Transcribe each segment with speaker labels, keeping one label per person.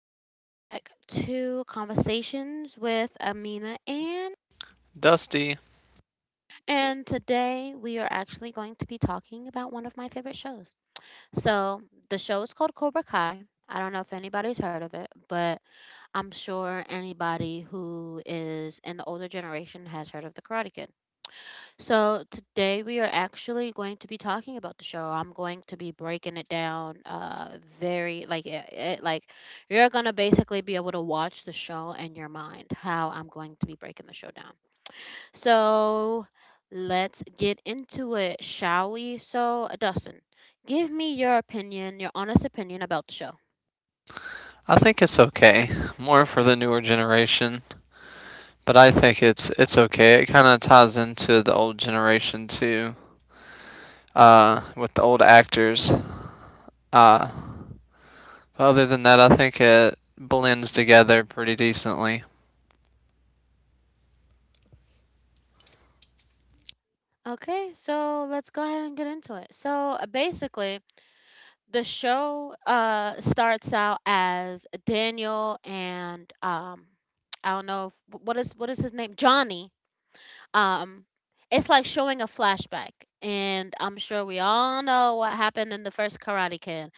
Speaker 1: and welcome back to Conversations with Amina Ann.
Speaker 2: Dusty,
Speaker 1: And today we are actually going to be talking about one of my favorite shows. So, the show is called Cobra Kai. I don't know if anybody's heard of it, but I'm sure anybody who is in the older generation has heard of The Karate Kid. So today we are actually going to be talking about the show. I'm going to be breaking it down very like like you're going to basically be able to watch the show in your mind how I'm going to be breaking the show down. So let's get into it, shall we? So Dustin, give me your opinion, your honest opinion about the show.
Speaker 2: I think it's okay. More for the newer generation, but I think it's okay. It kind of ties into the old generation too, with the old actors. Uh, Other than that, I think it blends together pretty decently.
Speaker 1: Okay? So let's go ahead and get into it. So basically the show starts out as Daniel and I don't know what is his name Johnny. Um, it's like showing a flashback, and I'm sure we all know what happened in the first Karate Kid.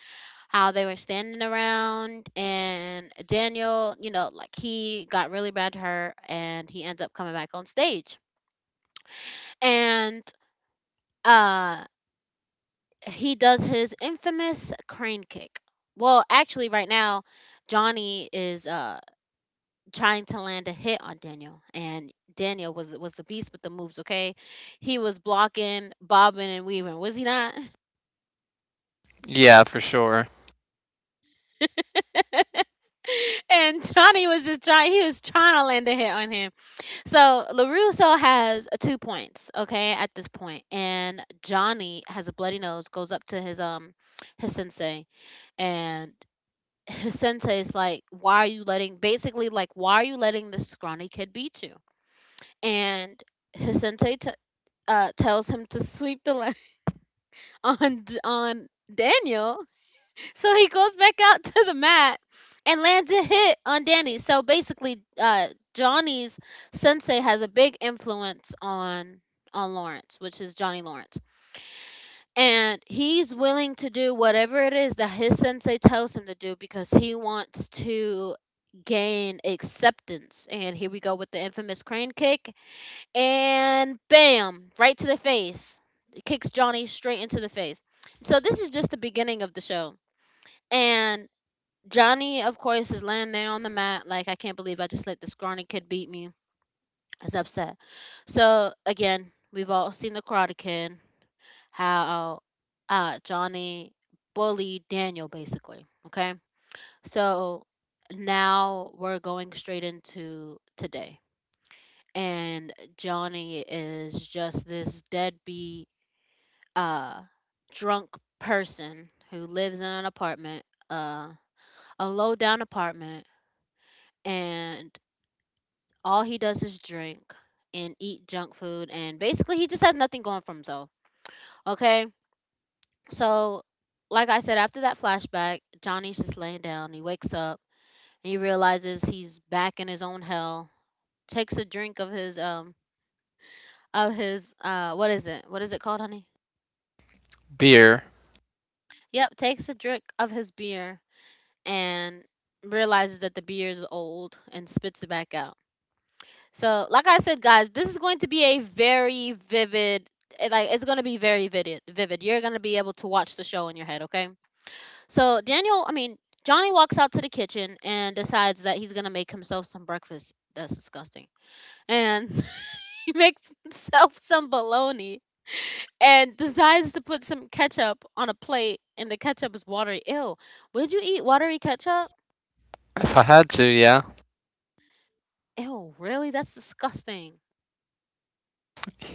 Speaker 1: How they were standing around, and Daniel, you know, like he got really bad hurt, and he ends up coming back on stage, and uh he does his infamous crane kick. Well, actually, right now, Johnny is trying to land a hit on Daniel, and Daniel was the beast with the moves. Okay, he was blocking, bobbing, and weaving. Was he not?
Speaker 2: Yeah, for sure.
Speaker 1: And Johnny was just trying. He was trying to land a hit on him. So Larusso has 2 points. Okay, at this point, and Johnny has a bloody nose. Goes up to his sensei, and his sensei is like, why are you letting, basically, like, why are you letting this scrawny kid beat you? And his sensei t- tells him to sweep the land on, on Daniel. So he goes back out to the mat and lands a hit on Danny. So basically, Johnny's sensei has a big influence on Lawrence, which is Johnny Lawrence. And he's willing to do whatever it is that his sensei tells him to do because he wants to gain acceptance. And here we go with the infamous crane kick. And bam, right to the face. It kicks Johnny straight into the face. So this is just the beginning of the show. And Johnny, of course, is laying there on the mat like, I can't believe I just let the scrawny kid beat me. It's upset. So again, we've all seen the Karate Kid how Johnny bullied Daniel, basically. Okay. So now we're going straight into today. And Johnny is just this deadbeat, uh, drunk person who lives in an apartment, uh, a low down apartment, and all he does is drink and eat junk food. And basically, he just has nothing going for himself. Okay. So, like I said, after that flashback, Johnny's just laying down. He wakes up and he realizes he's back in his own hell. Takes a drink of his what is it? What is it called, honey?
Speaker 2: Beer,
Speaker 1: Yep, takes a drink of his beer and realizes that the beer is old and spits it back out. So, like I said, guys, this is going to be a very vivid like it's going to be very vivid. Vivid. You're going to be able to watch the show in your head, okay? So Daniel, I mean, Johnny walks out to the kitchen and decides that he's gonna make himself some breakfast. That's disgusting. And he makes himself some bologna and decides to put some ketchup on a plate and the ketchup is watery. Ew. Would you eat watery ketchup?
Speaker 2: if I had to, yeah,
Speaker 1: Ew, really? That's disgusting.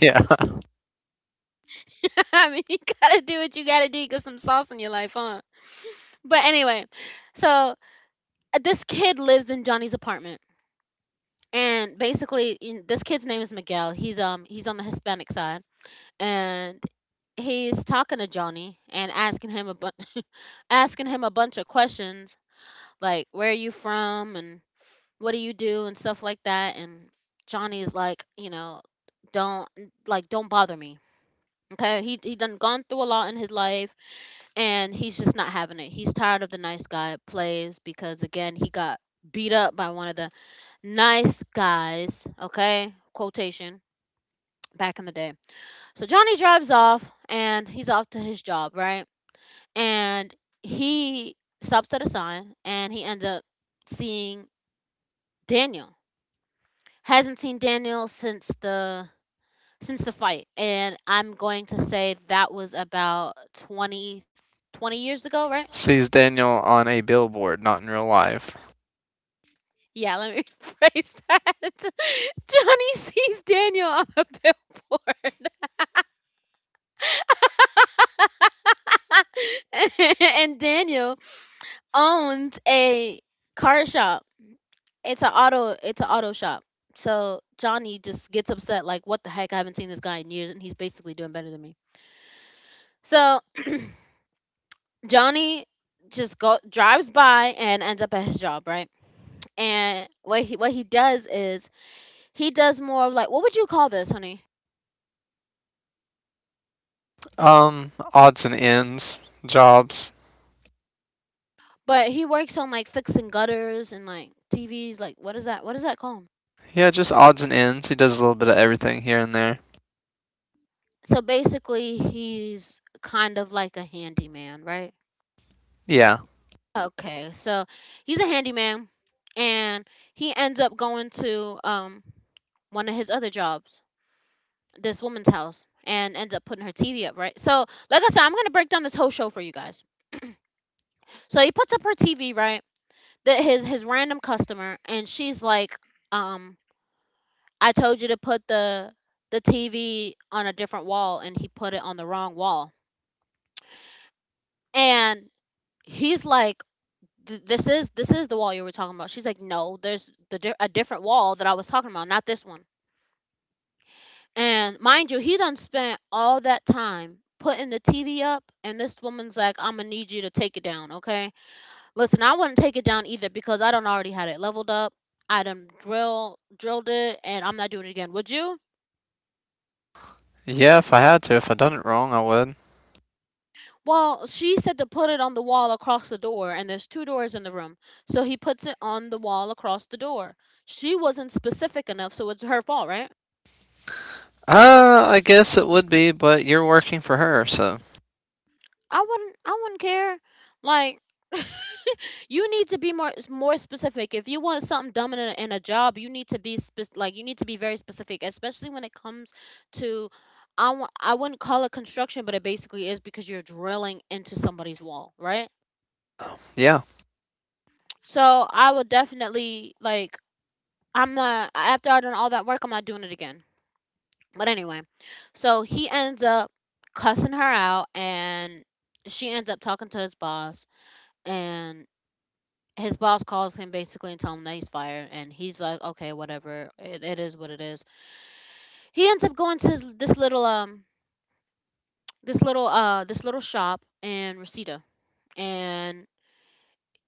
Speaker 2: yeah.
Speaker 1: I mean, you gotta do what you gotta do. You get some sauce in your life, huh? But anyway, so this kid lives in Johnny's apartment, and basically, this kid's name is Miguel. He's on the Hispanic side and he's talking to Johnny and asking him a bunch asking him a bunch of questions like where are you from and what do you do and stuff like that and Johnny is like, don't like don't bother me. Okay? He done gone through a lot in his life and he's just not having it. He's tired of the nice guy plays because again, he got beat up by one of the nice guys, okay? Quotation back in the day. So Johnny drives off and he's off to his job, right? And he stops at a sign and he ends up seeing Daniel. Hasn't seen Daniel since the fight, and I'm going to say that was about twenty years ago, right?
Speaker 2: Sees Daniel on a billboard, not in real life.
Speaker 1: Yeah, let me rephrase that. Johnny sees Daniel on a billboard. And Daniel owns a car shop. It's an auto, it's an auto shop. So Johnny just gets upset like what the heck, I haven't seen this guy in years and he's basically doing better than me. So Johnny just go drives by and ends up at his job, right? And what he does is he does more of like what would you call this, honey?
Speaker 2: Odds and ends, jobs.
Speaker 1: But he works on like fixing gutters and like TVs, like what is that called?
Speaker 2: Yeah, just odds and ends. He does a little bit of everything here and there.
Speaker 1: So basically he's kind of like a handyman, right?
Speaker 2: Yeah.
Speaker 1: Okay, so he's a handyman, and he ends up going to one of his other jobs, this woman's house, and ends up putting her TV up, right? So, like I said, I'm gonna break down this whole show for you guys. So he puts up her TV, right? That his random customer, and she's like, um, I told you to put the TV on a different wall, and he put it on the wrong wall, and he's like, this is the wall you were talking about. She's like, no, there's a different wall that I was talking about, not this one. And mind you, he done spent all that time putting the TV up, and this woman's like, I'm gonna need you to take it down, okay? Listen, I wouldn't take it down either because I don't already had it leveled up. I done drilled it, and I'm not doing it again. Would you?
Speaker 2: Yeah, if I had to, if I done it wrong, I would.
Speaker 1: Well, she said to put it on the wall across the door, and there's two doors in the room. So he puts it on the wall across the door. She wasn't specific enough, so it's her fault, right?
Speaker 2: I guess it would be, but you're working for her, so
Speaker 1: I wouldn't care. Like you need to be more specific. If you want something dumb in in a job, you need to like you need to be very specific, especially when it comes to I wouldn't call it construction, but it basically is because you're drilling into somebody's wall, right?
Speaker 2: yeah,
Speaker 1: So I would definitely like I'm not, after I done all that work, I'm not doing it again. But anyway, so he ends up cussing her out, and she ends up talking to his boss, and his boss calls him basically and tell him that he's fired and he's like okay whatever, it is what it is. He ends up going to this little this little this little shop in Reseda and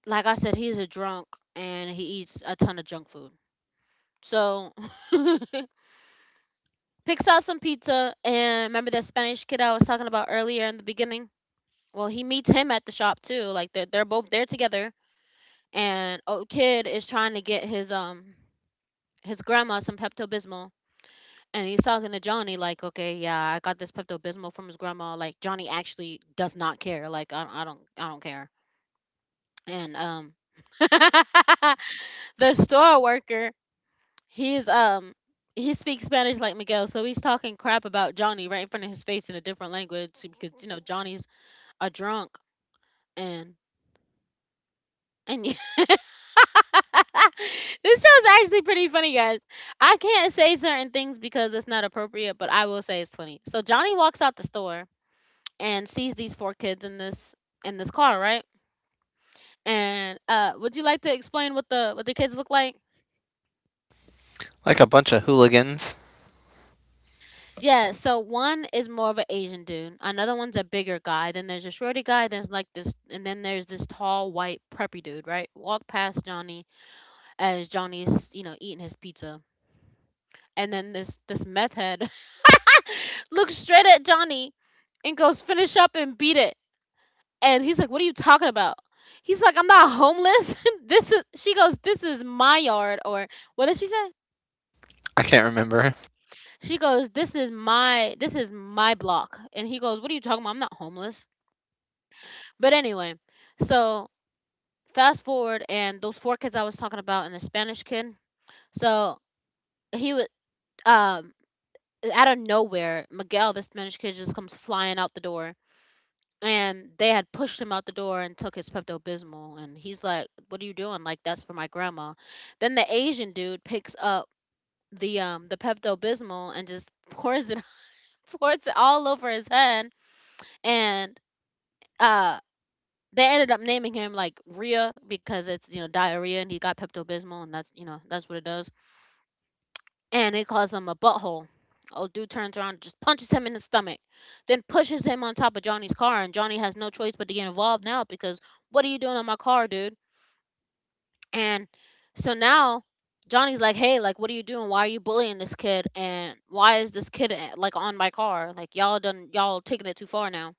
Speaker 1: like I said he's a drunk and he eats a ton of junk food so picks out some pizza and remember that Spanish kid I was talking about earlier in the beginning, well he meets him at the shop too, like they're both there together and oh, kid is trying to get his grandma some Pepto Bismol. And he's talking to Johnny like, okay, yeah, I got this Pepto Bismol from his grandma. Like Johnny actually does not care. Like I don't care. And the store worker, he's he speaks Spanish like Miguel, so he's talking crap about Johnny right in front of his face in a different language because you know Johnny's a drunk and and this show's actually pretty funny, guys. I can't say certain things because it's not appropriate, but I will say it's funny. So Johnny walks out the store and sees these four kids in this car, right? And would you like to explain what the kids look like?
Speaker 2: like a bunch of hooligans.
Speaker 1: Yeah, so one is more of an Asian dude. Another one's a bigger guy. Then there's a shorty guy. There's like this, and then there's this tall white preppy dude, right? Walk past Johnny as Johnny's, you know, eating his pizza. And then this meth head looks straight at Johnny and goes, "Finish up and beat it." And he's like, "What are you talking about?" He's like, "I'm not homeless. This is." She goes, "This is my yard," or what did she say?
Speaker 2: I can't remember.
Speaker 1: She goes, this is my block," and he goes, "What are you talking about? I'm not homeless." But anyway, so fast forward, and those four kids I was talking about, and the Spanish kid. So he would um out of nowhere, Miguel, the Spanish kid, just comes flying out the door. And they had pushed him out the door and took his Pepto-Bismol, and he's like, "What are you doing?" Like, "That's for my grandma." Then the Asian dude picks up the Pepto-Bismol and just pours it, pours it all over his head, and uh they ended up naming him like Rhea because it's diarrhea and he got Pepto-Bismol and that's, you know, that's what it does. And it calls him a butthole. Old dude turns around and just punches him in the stomach, then pushes him on top of Johnny's car, and Johnny has no choice but to get involved now because what are you doing on my car, dude? And so now Johnny's like, "Hey, like, what are you doing? Why are you bullying this kid? And why is this kid, eh, like on my car? Like, y'all done, y'all taking it too far now."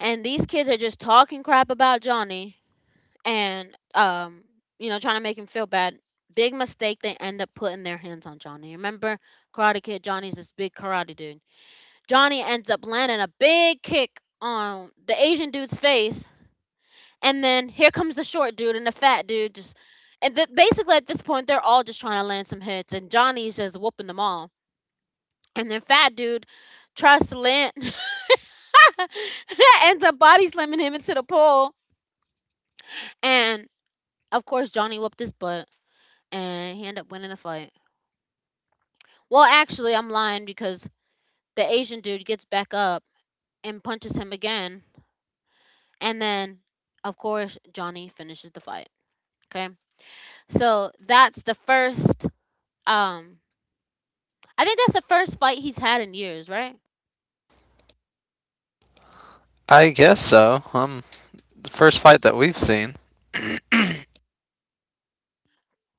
Speaker 1: And these kids are just talking crap about Johnny and, you know, trying to make him feel bad. Big mistake. They end up putting their hands on Johnny. Remember, Karate Kid. Johnny's this big karate dude. Johnny ends up landing a big kick on the Asian dude's face, and then here comes the short dude and the fat dude. Just basically at this point, they're all just trying to land some hits, and Johnny's just whooping them all. And then fat dude tries to land, ends up body slamming him into the pole, and of course Johnny whooped his butt and he ended up winning the fight. Well, actually, I'm lying because the Asian dude gets back up and punches him again, and then, of course, Johnny finishes the fight. Okay, so that's the first. Um, I think that's the first fight he's had in years, right?
Speaker 2: I guess so. The first fight that we've seen.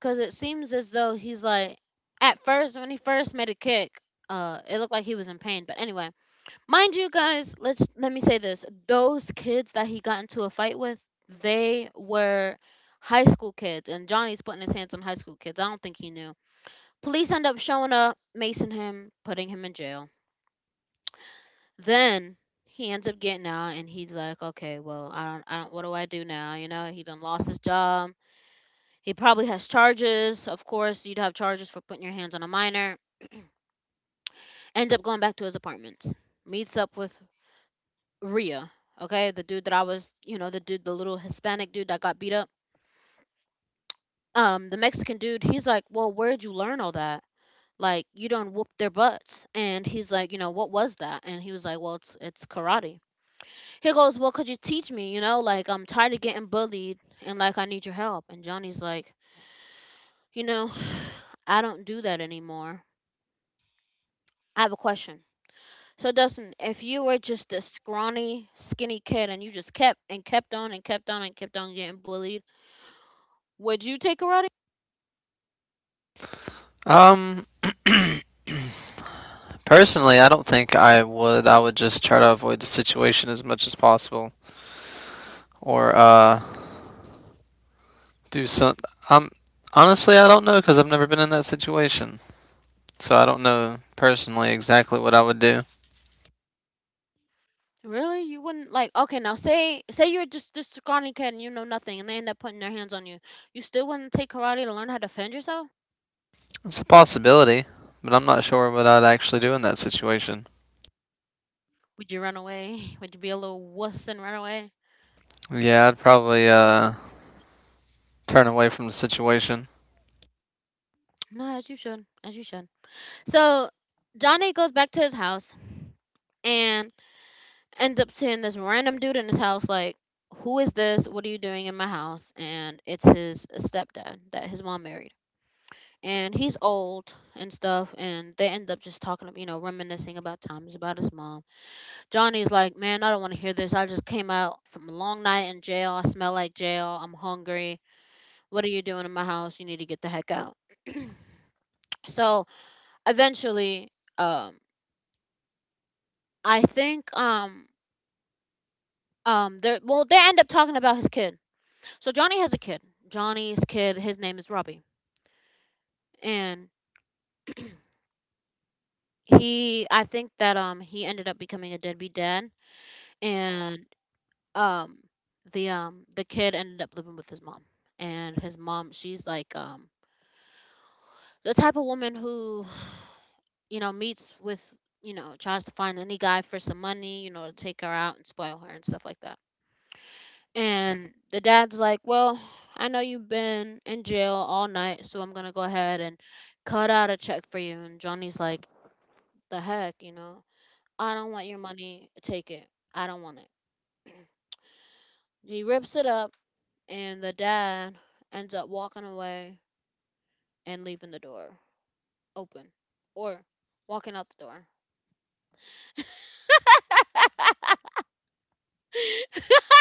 Speaker 1: Because it seems as though he's like, at first when he first made a kick, it looked like he was in pain. But anyway, mind you guys, let me say this. Those kids that he got into a fight with, they were high school kids and Johnny's putting his hands on high school kids. I don't think he knew. Police end up showing up, macing him, putting him in jail. Then he ends up getting out and he's like, "Okay, well, I don't what do I do now?" You know, he done lost his job. He probably has charges. Of course, you'd have charges for putting your hands on a minor. End up going back to his apartments. Meets up with Ria, okay, the dude that I was, you know, the dude, the little Hispanic dude that got beat up. The Mexican dude, he's like, "Well, where'd you learn all that? Like, you don't whoop their butts." And he's like, you know, "What was that?" And he was like, "Well, it's karate." He goes, "Well, could you teach me? You know, like I'm tired of getting bullied, and like I need your help." And Johnny's like, you know, "I don't do that anymore." I have a question. So Dustin, if you were just a scrawny, skinny kid and you just kept and kept on and kept on and kept on getting bullied, would you take karate?
Speaker 2: Um, Personally, I don't think I would. I would just try to avoid the situation as much as possible, or do some. Um, Honestly, I don't know because I've never been in that situation, so I don't know personally exactly what I would do.
Speaker 1: Really? You wouldn't? Like, okay, now say you're just this scrawny kid and you know nothing and they end up putting their hands on you. You still wouldn't take karate to learn how to defend yourself?
Speaker 2: It's a possibility, but I'm not sure what I'd actually do in that situation.
Speaker 1: Would you run away? Would you be a little wuss and run away?
Speaker 2: Yeah, I'd probably turn away from the situation.
Speaker 1: No, as you should. As you should. So Johnny goes back to his house and ends up seeing this random dude in his house like, "Who is this? What are you doing in my house?" And it's his stepdad that his mom married. And he's old and stuff and they end up just talking, you know, reminiscing about times about his mom. Johnny's like, "Man, I don't want to hear this. I just came out from a long night in jail. I smell like jail. I'm hungry. What are you doing in my house? You need to get the heck out." So eventually, um I think um they, well, they end up talking about his kid. So Johnny has a kid. Johnny's kid, his name is Robbie. And he, I think that, he ended up becoming a deadbeat dad. And um the, the kid ended up living with his mom. And his mom, she's like, the type of woman who you know, meets with, you know, tries to find any guy for some money, you know, to take her out and spoil her and stuff like that. And the dad's like, "Well, I know you've been in jail all night, so I'm gonna go ahead and cut out a check for you." And Johnny's like, "The heck, you know, I don't want your money. Take it. I don't want it." He rips it up and the dad ends up walking away and leaving the door open, or walking out the door. But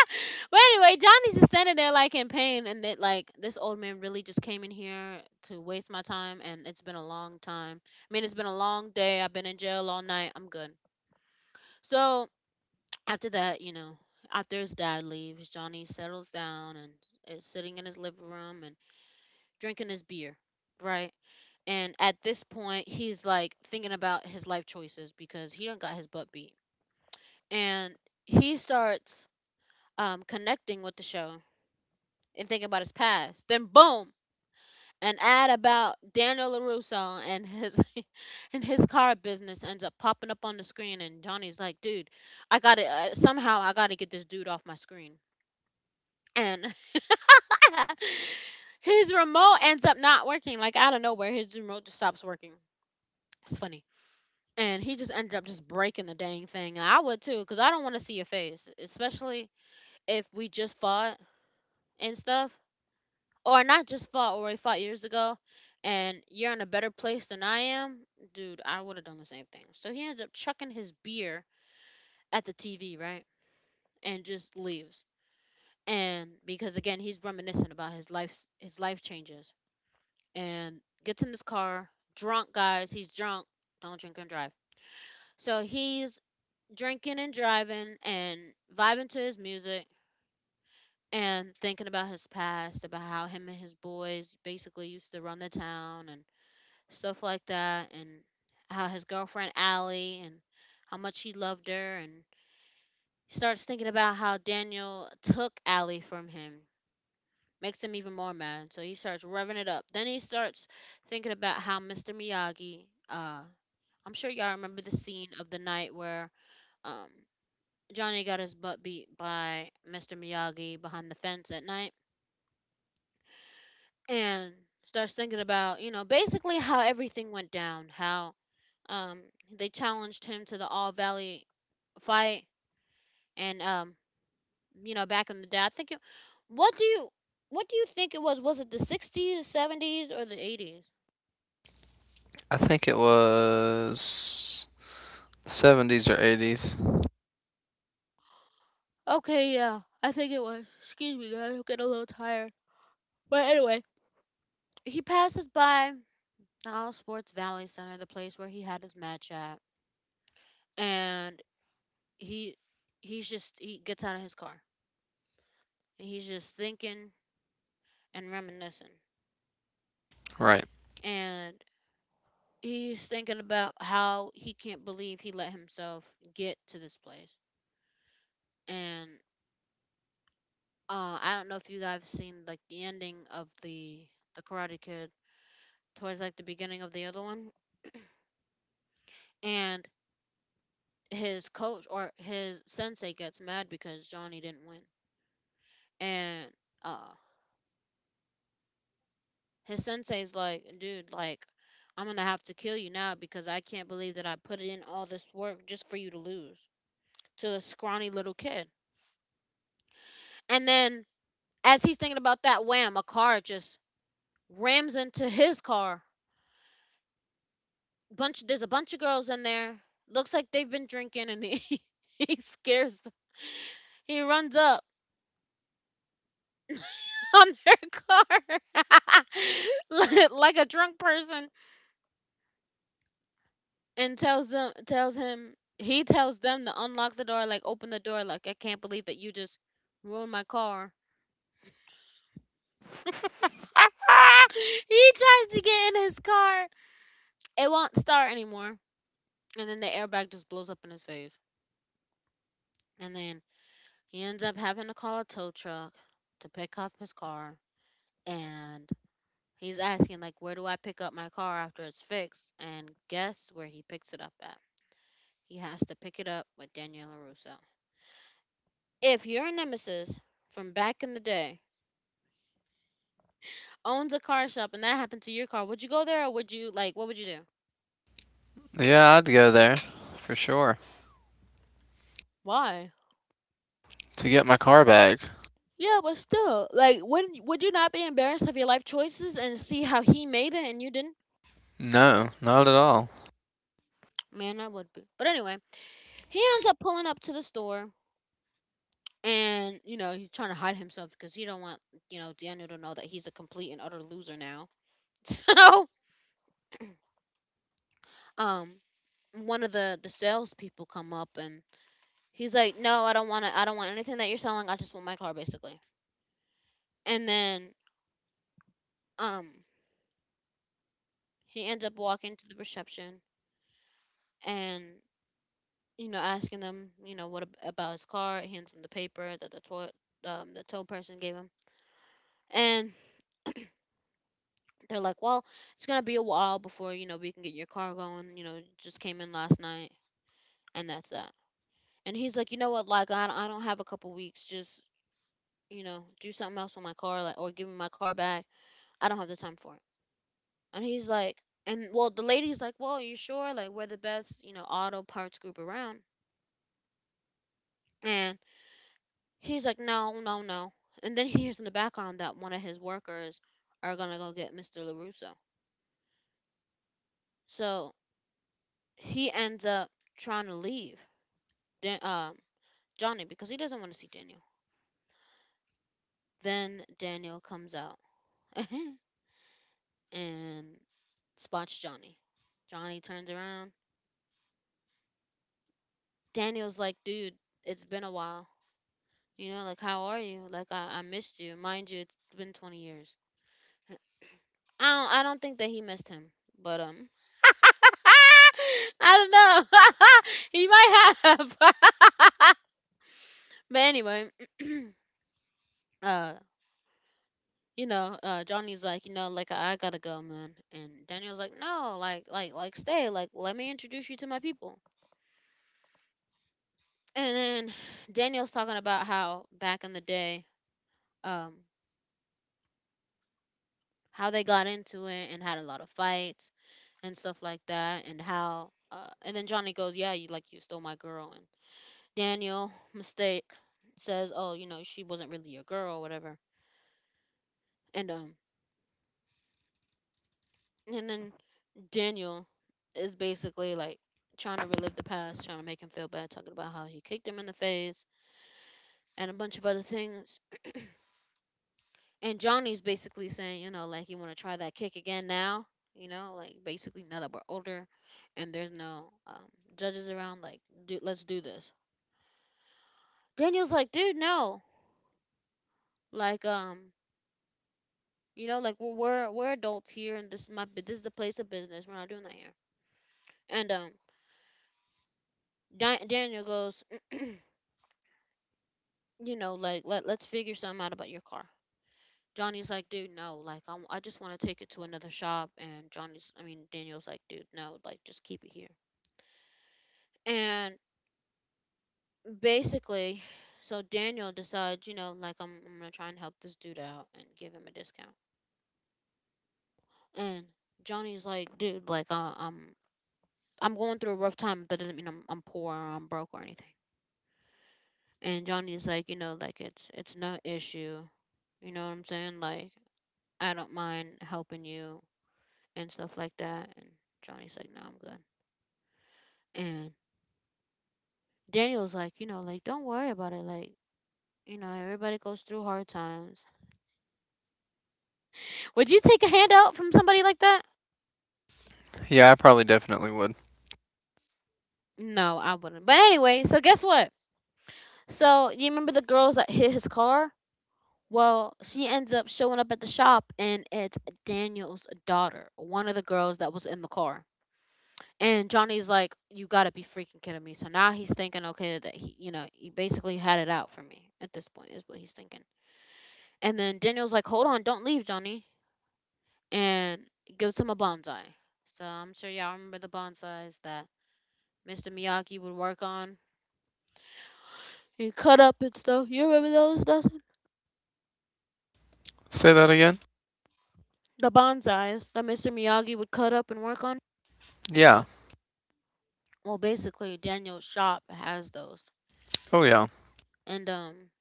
Speaker 1: anyway, Johnny's just standing there like in pain, and that, like, this old man really just came in here to waste my time, and it's been a long time. I mean, it's been a long day. I've been in jail all night. I'm good. So after that, you know, after his dad leaves, Johnny settles down and is sitting in his living room and drinking his beer, right? And at this point, he's like thinking about his life choices because he done got his butt beat. And he starts, connecting with the show and thinking about his past. Then boom, an ad about Daniel Larusso and his and his car business ends up popping up on the screen, and Johnny's like, "Dude, I got to, somehow I got to get this dude off my screen." And his remote ends up not working. Like out of nowhere, his remote just stops working. It's funny. And he just ended up just breaking the dang thing. And I would too, because I don't want to see your face, especially if we just fought and stuff, or not just fought or we fought years ago, and you're in a better place than I am, dude, I would have done the same thing. So he ends up chucking his beer at the TV, right, and just leaves. And because again, he's reminiscent about his life changes, and gets in his car, drunk guys, he's drunk. Don't drink and drive. So he's drinking and driving and vibing to his music and thinking about his past, about how him and his boys basically used to run the town and stuff like that, and how his girlfriend Allie, and how much he loved her, and he starts thinking about how Daniel took Allie from him. Makes him even more mad, so he starts revving it up. Then he starts thinking about how Mr. Miyagi. I'm sure y'all remember the scene of the night where, um, Johnny got his butt beat by Mr. Miyagi behind the fence at night, and starts thinking about, you know, basically how everything went down, how, Um, they challenged him to the All Valley fight, and, you know, back in the day, I think it. What do you What do you think it was? Was it the 60s, 70s, or the 80s?
Speaker 2: I think it was 70s or 80s.
Speaker 1: Okay, yeah, I think it was. Excuse me, guys, I'm getting a little tired. But anyway, he passes by the All Sports Valley Center, the place where he had his match at, and he, he gets out of his car and he's just thinking and reminiscing.
Speaker 2: Right.
Speaker 1: And he's thinking about how he can't believe he let himself get to this place. And I don't know if you guys have seen like the ending of the Karate Kid towards like the beginning of the other one. And his coach or his sensei gets mad because Johnny didn't win. And, uh, his sensei's like, "Dude, like I'm gonna have to kill you now because I can't believe that I put in all this work just for you to lose to a scrawny little kid." And then as he's thinking about that, wham, a car just rams into his car. Bunch, there's a bunch of girls in there. Looks like they've been drinking, and he he scares them. He runs up on their car like a drunk person and tells them tells him he tells them to unlock the door, like open the door, like I can't believe that you just ruined my car. He tries to get in his car. It won't start anymore. And then the airbag just blows up in his face. And then he ends up having to call a tow truck to pick up his car. And he's asking, like, where do I pick up my car after it's fixed? And guess where he picks it up at? He has to pick it up with Daniela Russo. If your nemesis from back in the day owns a car shop and that happened to your car, would you go there or would you, like, what would you do?
Speaker 2: Yeah, I'd go there for sure
Speaker 1: Why?
Speaker 2: to get my car back.
Speaker 1: Yeah, but still, like, would you not be embarrassed of your life choices and see how he made it and you didn't?
Speaker 2: No, not at all.
Speaker 1: Man, I would be. But anyway, he ends up pulling up to the store and he's trying to hide himself because he don't want Daniel to know that he's a complete and utter loser now. So um, one of the salespeople come up and he's like, "No, I don't want to. I don't want anything that you're selling. I just want my car, basically." And then um, he ends up walking to the reception and asking them, what about his car. Hands him the paper that the toy the tow person gave him, and they're like, well, it's gonna be a while before we can get your car going. You know, it just came in last night, and that's that. And he's like, you know what, like I don't have a couple weeks. Just you know, do something else with my car, like or give me my car back. I don't have the time for it. And well, the lady's like, well, you sure? Like we're the best, you know, auto parts group around. And he's like, no, no, no. And then he hears in the background that one of his workers are gonna go get Mr. Larusso. So he ends up trying to leave. Then Johnny because he doesn't want to see Daniel. Then Daniel comes out and spots Johnny. Johnny turns around. Daniel's like, dude, it's been a while. You know, like how are you? Like I missed you. Mind you, it's been 20 years. I don't think that he missed him. But I don't know. He might have. But anyway, uh Johnny's like, you know, like I gotta go, man. And Daniel's like, no, like, stay. Like, let me introduce you to my people. And then Daniel's talking about how back in the day, um, how they got into it and had a lot of fights and stuff like that, and then Johnny goes, yeah, you stole my girl, and Daniel mistake says, oh, you know, she wasn't really your girl, or whatever. And um, and then Daniel is basically like trying to relive the past, trying to make him feel bad, talking about how he kicked him in the face and a bunch of other things. And Johnny's basically saying, you know, like you want to try that kick again now, you know, like basically now that we're older and there's no judges around, like, dude, let's do this. Daniel's like, dude, no, like, you know, like we're adults here, and this is my this is the place of business. We're not doing that here. And um, Daniel goes. You know, like let's figure something out about your car. Johnny's like, dude, no, like I just want to take it to another shop. And Daniel's like, dude, no, like just keep it here. And basically, so Daniel decides, you know, like I'm gonna try and help this dude out and give him a discount. And Johnny's like, dude, like, I'm going through a rough time. But that doesn't mean I'm poor or I'm broke or anything. And Johnny's like, you know, like it's no issue. You know what I'm saying? Like I don't mind helping you and stuff like that. And Johnny's like, no, I'm good. And Daniel's like, you know, like, don't worry about it. Like, you know, everybody goes through hard times. Would you take a handout from somebody like that?
Speaker 2: Yeah, I probably definitely would.
Speaker 1: No, I wouldn't. But anyway, so guess what? So you remember the girls that hit his car? Well, she ends up showing up at the shop, and it's Daniel's daughter, one of the girls that was in the car. And Johnny's like, "You gotta be freaking kidding me!" So now he's thinking, okay, that he basically had it out for me at this point, is what he's thinking. And then Daniel's like, hold on, don't leave, Johnny. And gives him a bonsai. So I'm sure y'all remember the bonsais that Mr. Miyagi would work on. He cut up and stuff. You remember those, Dustin?
Speaker 2: Say that again?
Speaker 1: The bonsais that Mr. Miyagi would cut up and work on?
Speaker 2: Yeah.
Speaker 1: Well, basically, Daniel's shop has those.
Speaker 2: Oh yeah.
Speaker 1: And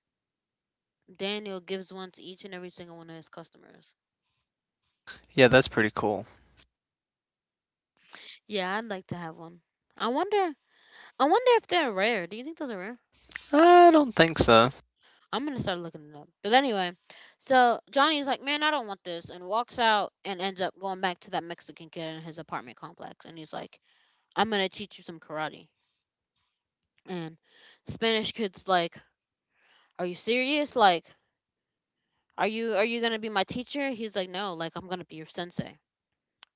Speaker 1: Daniel gives one to each and every single one of his customers.
Speaker 2: Yeah, that's pretty cool.
Speaker 1: Yeah, I'd like to have one. I wonder. I wonder if they're rare. Do you think those are rare?
Speaker 2: I don't think so.
Speaker 1: I'm gonna start looking it up. But anyway, so Johnny's like, man, I don't want this, and walks out and ends up going back to that Mexican kid in his apartment complex, and he's like, I'm gonna teach you some karate. And Spanish kid's like, are you serious? Like, are you gonna be my teacher? He's like, no, like I'm gonna be your sensei.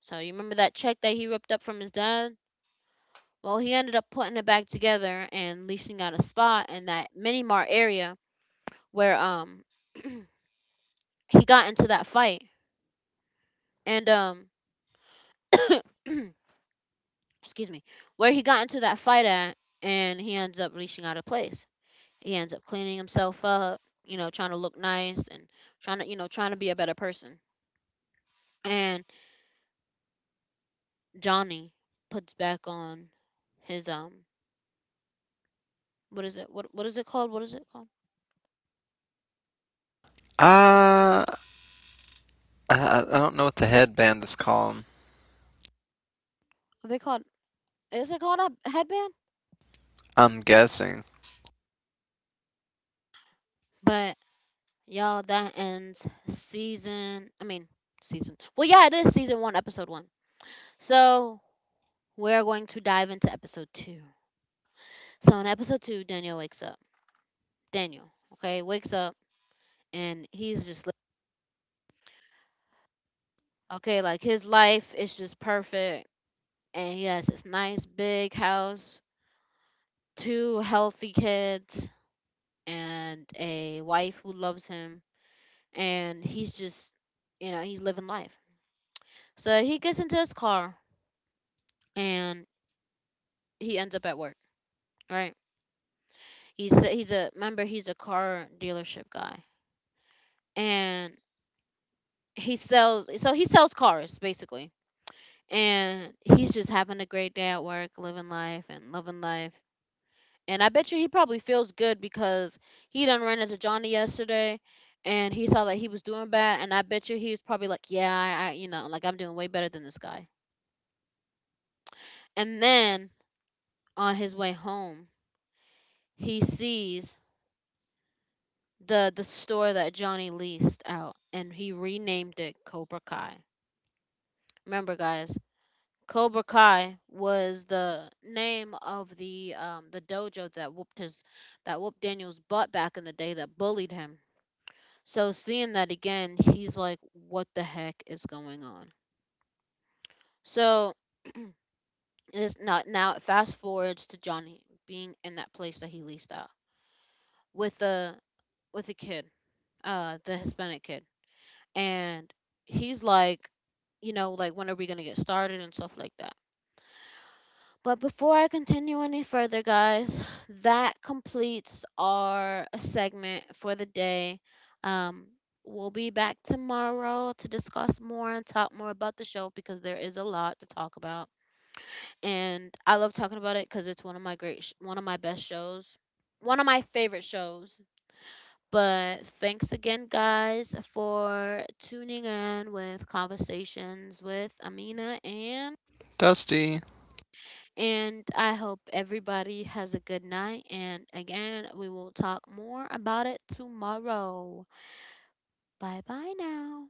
Speaker 1: So you remember that check that he ripped up from his dad? Well, he ended up putting it back together and leasing out a spot in that mini mart area where he got into that fight and excuse me, where he got into that fight at, and he ends up reaching out of place. He ends up cleaning himself up, you know, trying to look nice and trying to, you know, trying to be a better person. And Johnny puts back on his what is it? What is it called? What is it called?
Speaker 2: Uh, I I don't know what the headband is called.
Speaker 1: Are they called? Is it called a headband?
Speaker 2: I'm guessing
Speaker 1: But y'all, that ends season. I mean, season. Well, yeah, it is season one, episode one. So we're going to dive into episode two. So in episode two, Daniel, okay, wakes up and okay, like his life is just perfect and he has this nice big house, two healthy kids and a wife who loves him and he's just you know, he's living life. So he gets into his car and he ends up at work, right? He's a car dealership guy. And he sells cars basically and he's just having a great day at work, living life and loving life. And I bet you he probably feels good because he done ran into Johnny yesterday, and he saw that he was doing bad. And I bet you he was probably like, "Yeah, I you know, like I'm doing way better than this guy." And then on his way home, he sees the store that Johnny leased out, and he renamed it Cobra Kai. Remember, guys, Cobra Kai was the name of the dojo that whooped his that whooped Daniel's butt back in the day that bullied him. So seeing that again, he's like, "What the heck is going on?" So it's not now. It fast forwards to Johnny being in that place that he leased out with the kid, the Hispanic kid, and he's like, you know, like when are we gonna get started and stuff like that. But before I continue any further, guys, that completes our segment for the day. Um, we'll be back tomorrow to discuss more and talk more about the show because there is a lot to talk about, and I love talking about it because it's one of one of my best shows, one of my favorite shows. But thanks again, guys, for tuning in with Conversations with Amina and.
Speaker 2: dusty
Speaker 1: And I hope everybody has a good night. And again, we will talk more about it tomorrow. Bye bye now.